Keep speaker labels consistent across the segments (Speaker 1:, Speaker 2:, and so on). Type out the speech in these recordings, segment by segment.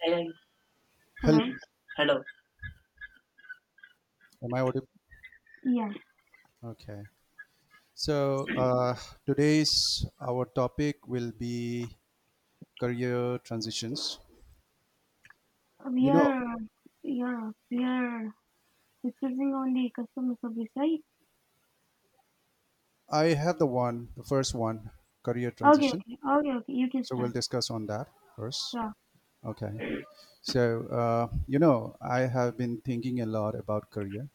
Speaker 1: Hey,
Speaker 2: Hello,
Speaker 1: hello. Hello.
Speaker 2: am I audible?
Speaker 1: Yeah,
Speaker 2: Okay. So uh, today's our topic will be career transitions.
Speaker 1: we
Speaker 2: You know,
Speaker 1: are, yeah we are discussing on the customer service, right?
Speaker 2: I have the one, the first one, career
Speaker 1: Okay,
Speaker 2: transition.
Speaker 1: okay, okay, okay. You can
Speaker 2: So we'll
Speaker 1: start.
Speaker 2: discuss on that first.
Speaker 1: Yeah.
Speaker 2: Okay. I have been thinking a lot about career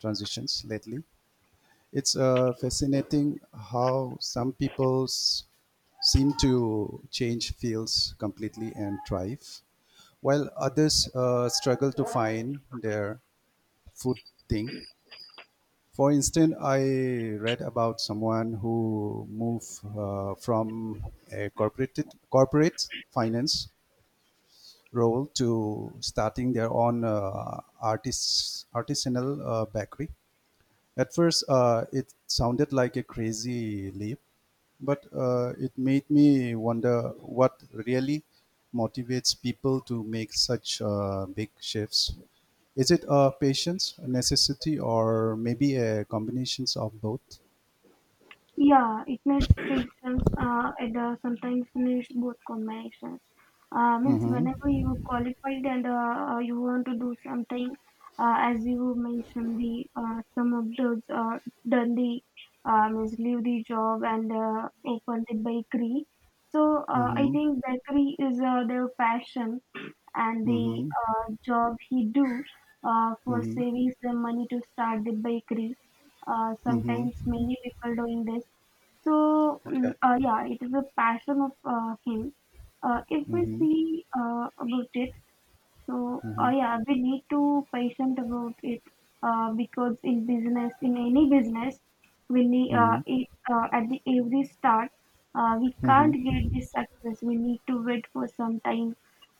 Speaker 2: transitions lately. It's fascinating how some people's seem to change fields completely and thrive while others struggle to find their food thing. For instance, I read about someone who moved from a corporate finance role to starting their own artisanal bakery. At first, it sounded like a crazy leap, but it made me wonder what really motivates people to make such big shifts. Is it a patience, a necessity, or maybe a combinations of both?
Speaker 1: Yeah, it needs patience. And sometimes needs both combinations. Means whenever
Speaker 2: Mm-hmm.
Speaker 1: you qualified and you want to do something, as you mentioned, the some of those done the means leave the job and open the bakery. So I
Speaker 2: Mm-hmm.
Speaker 1: think bakery is their passion and the
Speaker 2: Mm-hmm.
Speaker 1: job he do for
Speaker 2: Mm-hmm.
Speaker 1: saving some money to start the bakery. Sometimes
Speaker 2: Mm-hmm.
Speaker 1: many people doing this so,
Speaker 2: Okay.
Speaker 1: yeah, it is a passion of him. If we
Speaker 2: Mm-hmm.
Speaker 1: see about it, so
Speaker 2: Mm-hmm.
Speaker 1: yeah, we need to patient about it because in business, in any business, we need
Speaker 2: Mm-hmm.
Speaker 1: at the every start, we can't
Speaker 2: Mm-hmm.
Speaker 1: get this success. We need to wait for some time,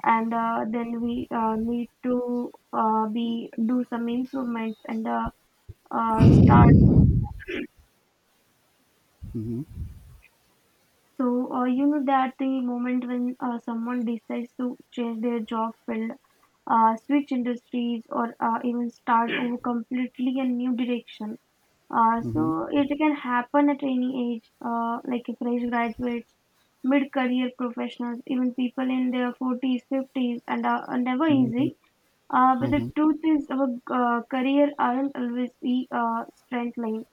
Speaker 1: and then we need to be do some improvements and start.
Speaker 2: Mm-hmm.
Speaker 1: So, you know that the moment when someone decides to change their job field, switch industries, or even start in completely a new direction. Uh,
Speaker 2: Mm-hmm.
Speaker 1: so, it can happen at any age, like fresh graduates, mid career professionals, even people in their 40s, 50s, and are never
Speaker 2: Mm-hmm.
Speaker 1: easy. But the
Speaker 2: Mm-hmm.
Speaker 1: truth is, our career aren't always we straight line.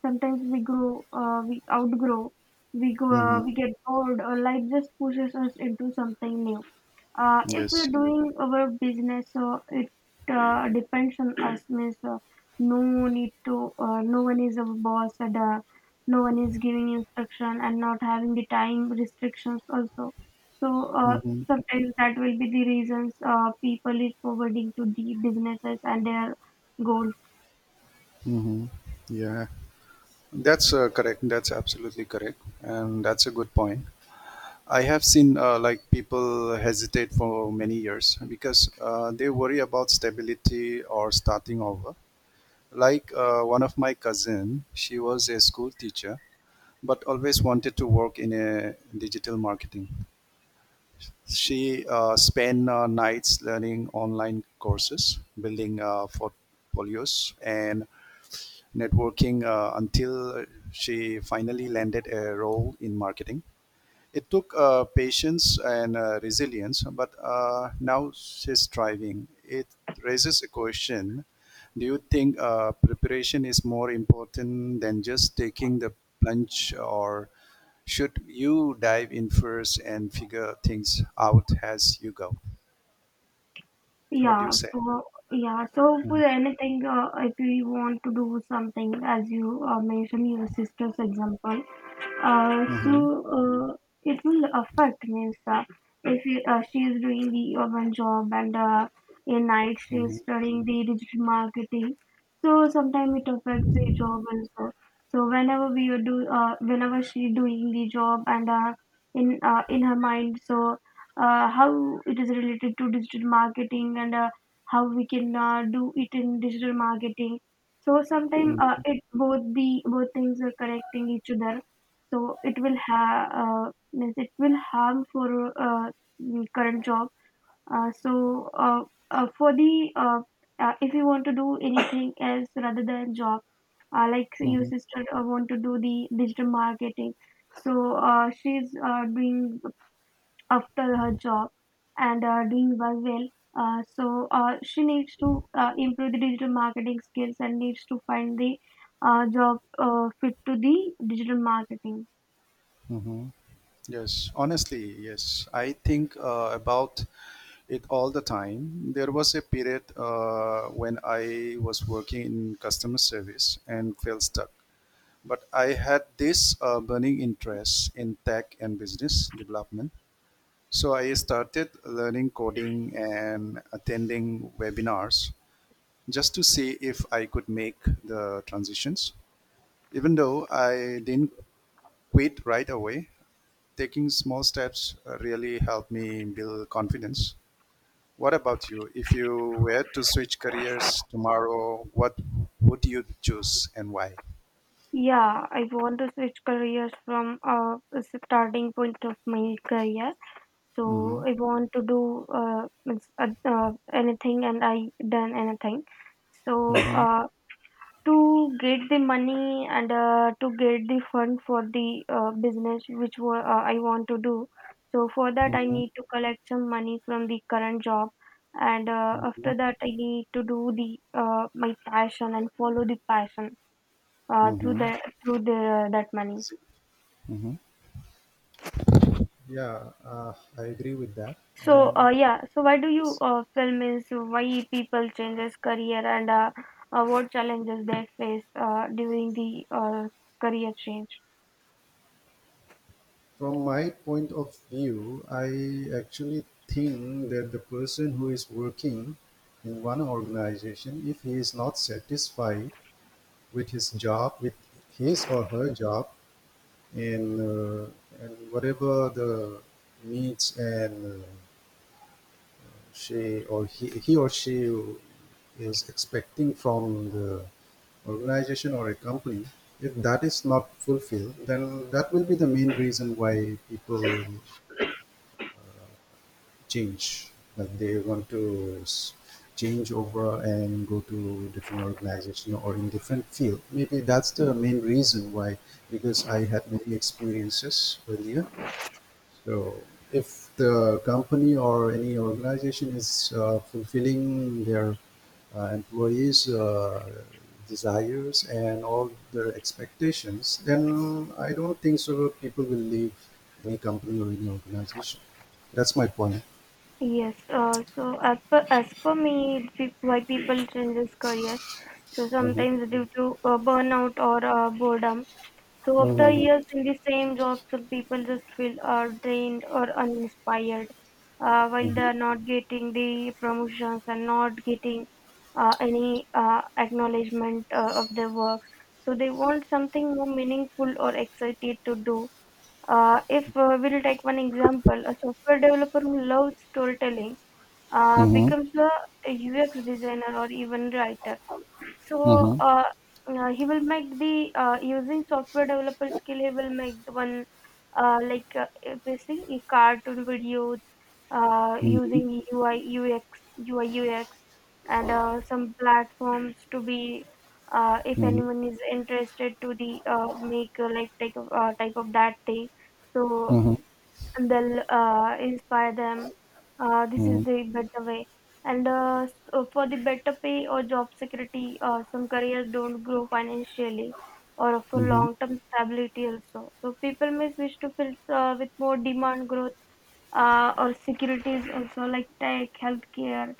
Speaker 1: Sometimes we grow, we outgrow, we go,
Speaker 2: Mm-hmm.
Speaker 1: we get bored, or life just pushes us into something new if
Speaker 2: Yes.
Speaker 1: we're doing our business, so it depends on us means no need to no one is our boss and no one is giving instruction and not having the time restrictions also so
Speaker 2: Mm-hmm.
Speaker 1: sometimes that will be the reasons people is forwarding to the businesses and their goals.
Speaker 2: Mm-hmm. Yeah. That's correct. That's absolutely correct, and that's a good point. I have seen like people hesitate for many years because they worry about stability or starting over. Like one of my cousin, she was a school teacher, but always wanted to work in a digital marketing. She spent nights learning online courses, building portfolios, and networking until she finally landed a role in marketing. It took patience and resilience, but now she's thriving. It raises a question. Do you think preparation is more important than just taking the plunge, or should you dive in first and figure things out as you go? What do you
Speaker 1: yeah
Speaker 2: say?
Speaker 1: for yeah so for
Speaker 2: Mm-hmm.
Speaker 1: anything if you want to do something as you mentioned your sister's example, uh, so
Speaker 2: Mm-hmm.
Speaker 1: uh, it will affect means if she is doing the urban job and in night she is studying the digital marketing, so sometimes it affects the job also. So whenever we are do whenever she doing the job and in her mind, so how it is related to digital marketing and how we can do it in digital marketing. So sometimes
Speaker 2: Mm-hmm.
Speaker 1: it both the both things are connecting each other, so it will have means it will harm for uh, current job. uh, so uh, for the if you want to do anything else rather than job, like your sister want to do the digital marketing. So she's doing after her job and doing well. She needs to improve the digital marketing skills and needs to find the job fit to the digital marketing.
Speaker 2: Mm-hmm. Yes, honestly, yes. I think about it all the time. There was a period when I was working in customer service and felt stuck. But I had this burning interest in tech and business development. So I started learning coding and attending webinars just to see if I could make the transitions. Even though I didn't quit right away, taking small steps really helped me build confidence. What about you? If you were to switch careers tomorrow, what would you choose and why?
Speaker 1: Yeah, I want to switch careers from a starting point of my career. So
Speaker 2: Mm-hmm.
Speaker 1: I want to do anything, and I done anything. So
Speaker 2: Mm-hmm.
Speaker 1: to get the money and to get the fund for the business which I want to do. So for that, I
Speaker 2: Mm-hmm.
Speaker 1: need to collect some money from the current job, and
Speaker 2: Mm-hmm.
Speaker 1: after that, I need to do the my passion and follow the passion uh, through
Speaker 2: Mm-hmm.
Speaker 1: the through the that money.
Speaker 2: Mm-hmm. Yeah, I agree with that.
Speaker 1: So
Speaker 2: And
Speaker 1: yeah, so why do you
Speaker 2: s-
Speaker 1: film is why people changes career and what challenges they face during the career change?
Speaker 2: from my point of view, I actually think that the person who is working in one organization, if he is not satisfied with his job, with his or her job, and, uh, and whatever the needs and he or she is expecting from the organization or a company, if that is not fulfilled, then that will be the main reason why people change, like they want to change over and go to different organization or in different field. Maybe that's the main reason why, because I had many experiences earlier. So if the company or any organization is fulfilling their employees' desires and all their expectations, then I don't think so people will leave any company or any organization. That's my point.
Speaker 1: Yes, so as per me, why people changes careers. So
Speaker 2: uh
Speaker 1: sometimes due to burnout or boredom. So after
Speaker 2: Mhm,
Speaker 1: years in the same job, some people just feel drained or uninspired, while they
Speaker 2: mhm,
Speaker 1: are not getting the promotions and not getting any acknowledgement of their work. So they want something more meaningful or excited to do. If we'll take one example, a software developer who loves storytelling
Speaker 2: mhm,
Speaker 1: becomes a UX designer or even writer. So
Speaker 2: mhm,
Speaker 1: he will make the using software developer skill. He will make the one if you see e cartoon videos
Speaker 2: mhm,
Speaker 1: using UI UX and some platforms to be if
Speaker 2: mhm,
Speaker 1: anyone is interested to the make type of that thing. So
Speaker 2: mhm,
Speaker 1: and they'll inspire them. This is
Speaker 2: mhm,
Speaker 1: the better way. For the better pay or job security, some careers don't grow financially or for
Speaker 2: mhm.
Speaker 1: long-term stability also. So people may switch to fields with more demand growth or securities also like tech, healthcare,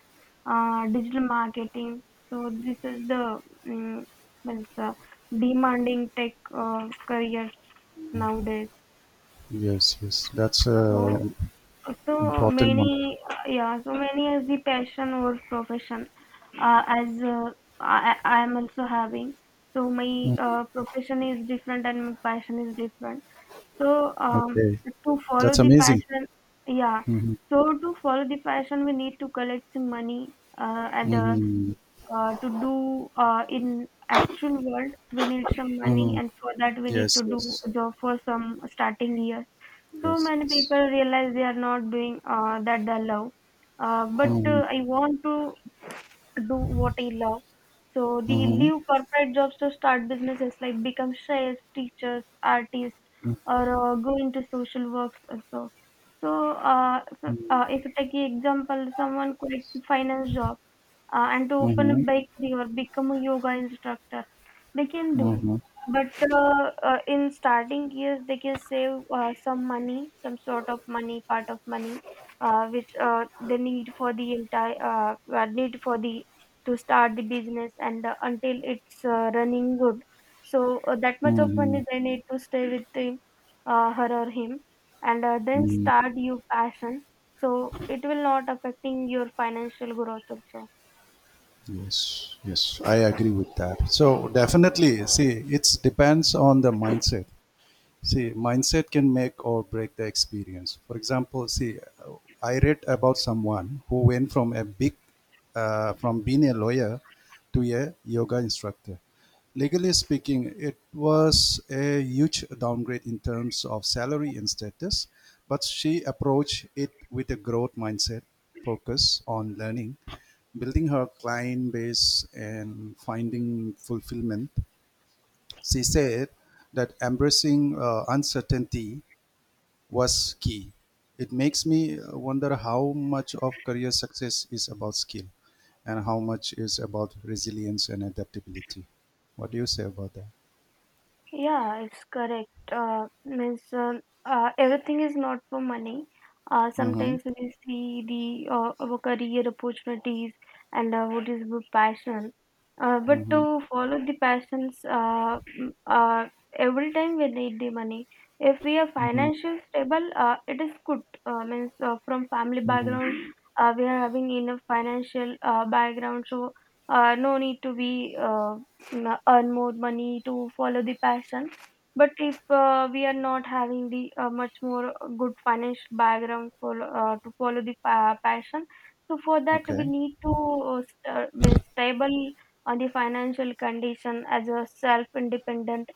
Speaker 1: digital marketing. So this is the mm means, uh, demanding tech careers nowadays.
Speaker 2: Yes, yes. That's a
Speaker 1: So so
Speaker 2: important one.
Speaker 1: many, yeah, so many as the passion or profession, as I am also having. So my
Speaker 2: Mhm.
Speaker 1: profession is different and my passion is different. So
Speaker 2: Okay.
Speaker 1: to follow
Speaker 2: That's
Speaker 1: the
Speaker 2: amazing.
Speaker 1: fashion, yeah.
Speaker 2: Mm-hmm.
Speaker 1: So to follow the fashion, we need to collect some money and
Speaker 2: Mm-hmm.
Speaker 1: to do in actual world we need some money,
Speaker 2: Mm-hmm.
Speaker 1: and for that we need to
Speaker 2: Yes,
Speaker 1: do
Speaker 2: yes.
Speaker 1: the for some starting years. So
Speaker 2: Yes,
Speaker 1: many
Speaker 2: yes.
Speaker 1: people realize they are not doing that they love, but
Speaker 2: Mm-hmm.
Speaker 1: I want to do what I love. So they
Speaker 2: Mm-hmm.
Speaker 1: leave corporate jobs to start businesses like become chefs, teachers, artists,
Speaker 2: Mm-hmm.
Speaker 1: or go into social works also. So if you take the example, someone quits finance job and to open a
Speaker 2: Mm-hmm.
Speaker 1: bakery or become a yoga instructor, they can do. But in starting years they can save some money, some sort of money, part of money which they need for the entire need for the to start the business and until it's running good. So that much of
Speaker 2: Mm-hmm.
Speaker 1: money they need to stay with the, her or him, and then
Speaker 2: Mm-hmm.
Speaker 1: start your passion. So it will not affecting your financial growth also.
Speaker 2: Yes, yes. I agree with that. So definitely, see, it depends on the mindset. See, mindset can make or break the experience. For example, see, I read about someone who went from being a lawyer to a yoga instructor. Legally speaking, it was a huge downgrade in terms of salary and status, but she approached it with a growth mindset, focus on learning, building her client base, and finding fulfillment. She said that embracing uncertainty was key. It makes me wonder how much of career success is about skill and how much is about resilience and adaptability. What do you say about that?
Speaker 1: Yeah, it's correct. Means Everything is not for money.
Speaker 2: Mm-hmm.
Speaker 1: Sometimes we see the our career opportunities and what is our passion. But
Speaker 2: Mm-hmm.
Speaker 1: to follow the passions, every time we need the money. If we are
Speaker 2: Mm-hmm.
Speaker 1: financially stable, it is good. Means from family
Speaker 2: Mm-hmm.
Speaker 1: background, we are having enough financial background, so no need to be earn more money to follow the passion. But if we are not having the much more good financial background for to follow the passion, so for that we
Speaker 2: Okay.
Speaker 1: need to be stable on the financial condition as a self independent,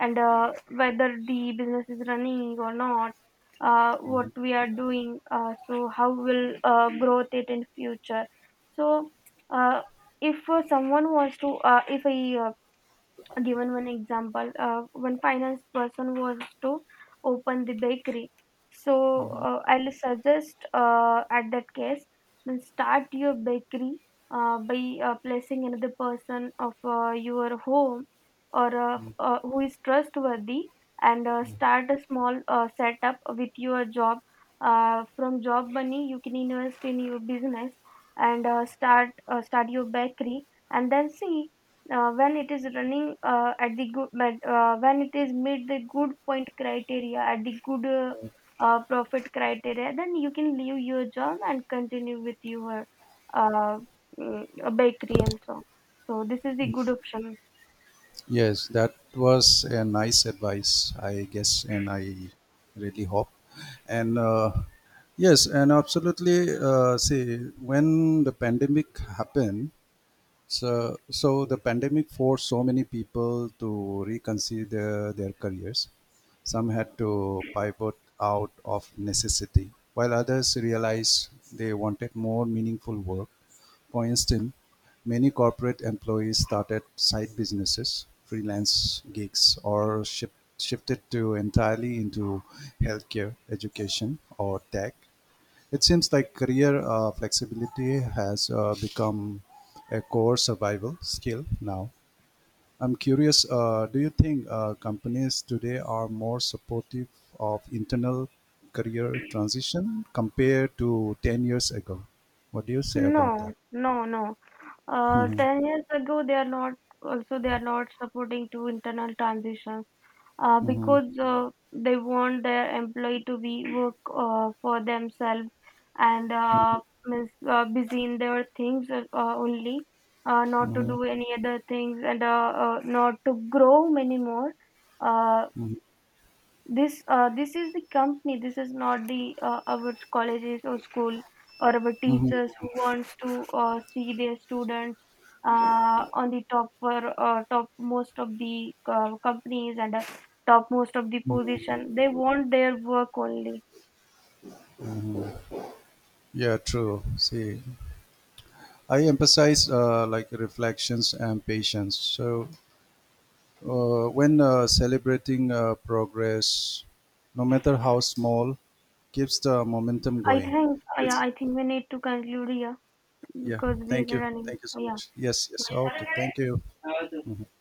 Speaker 1: and whether the business is running or not, what
Speaker 2: Mhm.
Speaker 1: we are doing, so how will growth it in future. So uh, if someone wants to if a given one example, one finance person was to open the bakery, so I'll suggest at that case, then start your bakery by placing another person of your home or who is trustworthy, and start a small setup with your job. From job money you can invest in your business and start your bakery, and then see when it is running at the good, but when it is meet the good point criteria at the good profit criteria, then you can leave your job and continue with your uh, bakery also. So this is the good option.
Speaker 2: Yes, that was a nice advice, I guess, and I really hope. And yes, and absolutely. See, when the pandemic happened, so the pandemic forced so many people to reconsider their careers. Some had to pivot out of necessity, while others realized they wanted more meaningful work. For instance, many corporate employees started side businesses, freelance gigs, or shifted to entirely into healthcare, education, or tech. It seems like career flexibility has become a core survival skill now. I'm curious, do you think companies today are more supportive of internal career transition compared to 10 years ago? What do you say
Speaker 1: No,
Speaker 2: about that?
Speaker 1: no, no,
Speaker 2: Mhm,
Speaker 1: 10 years ago they are not, also they are not supporting to internal transitions,
Speaker 2: mhm,
Speaker 1: because they want their employee to be work for themselves and busy in their things only, not to
Speaker 2: mhm,
Speaker 1: do any other things, and not to grow many more. Uh,
Speaker 2: mhm,
Speaker 1: this this is the company, this is not the our colleges or school or our
Speaker 2: mhm.
Speaker 1: teachers, who wants to see their students on the top for top most of the companies and top most of the position, they want their work only.
Speaker 2: Yeah, true. See, I emphasize like reflections and patience. So when celebrating progress, no matter how small, keeps the momentum
Speaker 1: I
Speaker 2: going.
Speaker 1: think, yeah,
Speaker 2: It's
Speaker 1: I think we need to conclude here
Speaker 2: yeah.
Speaker 1: because
Speaker 2: Thank
Speaker 1: we're
Speaker 2: you.
Speaker 1: running,
Speaker 2: Thank you so much. Yes. Yes. Okay. Thank you.
Speaker 1: yeah.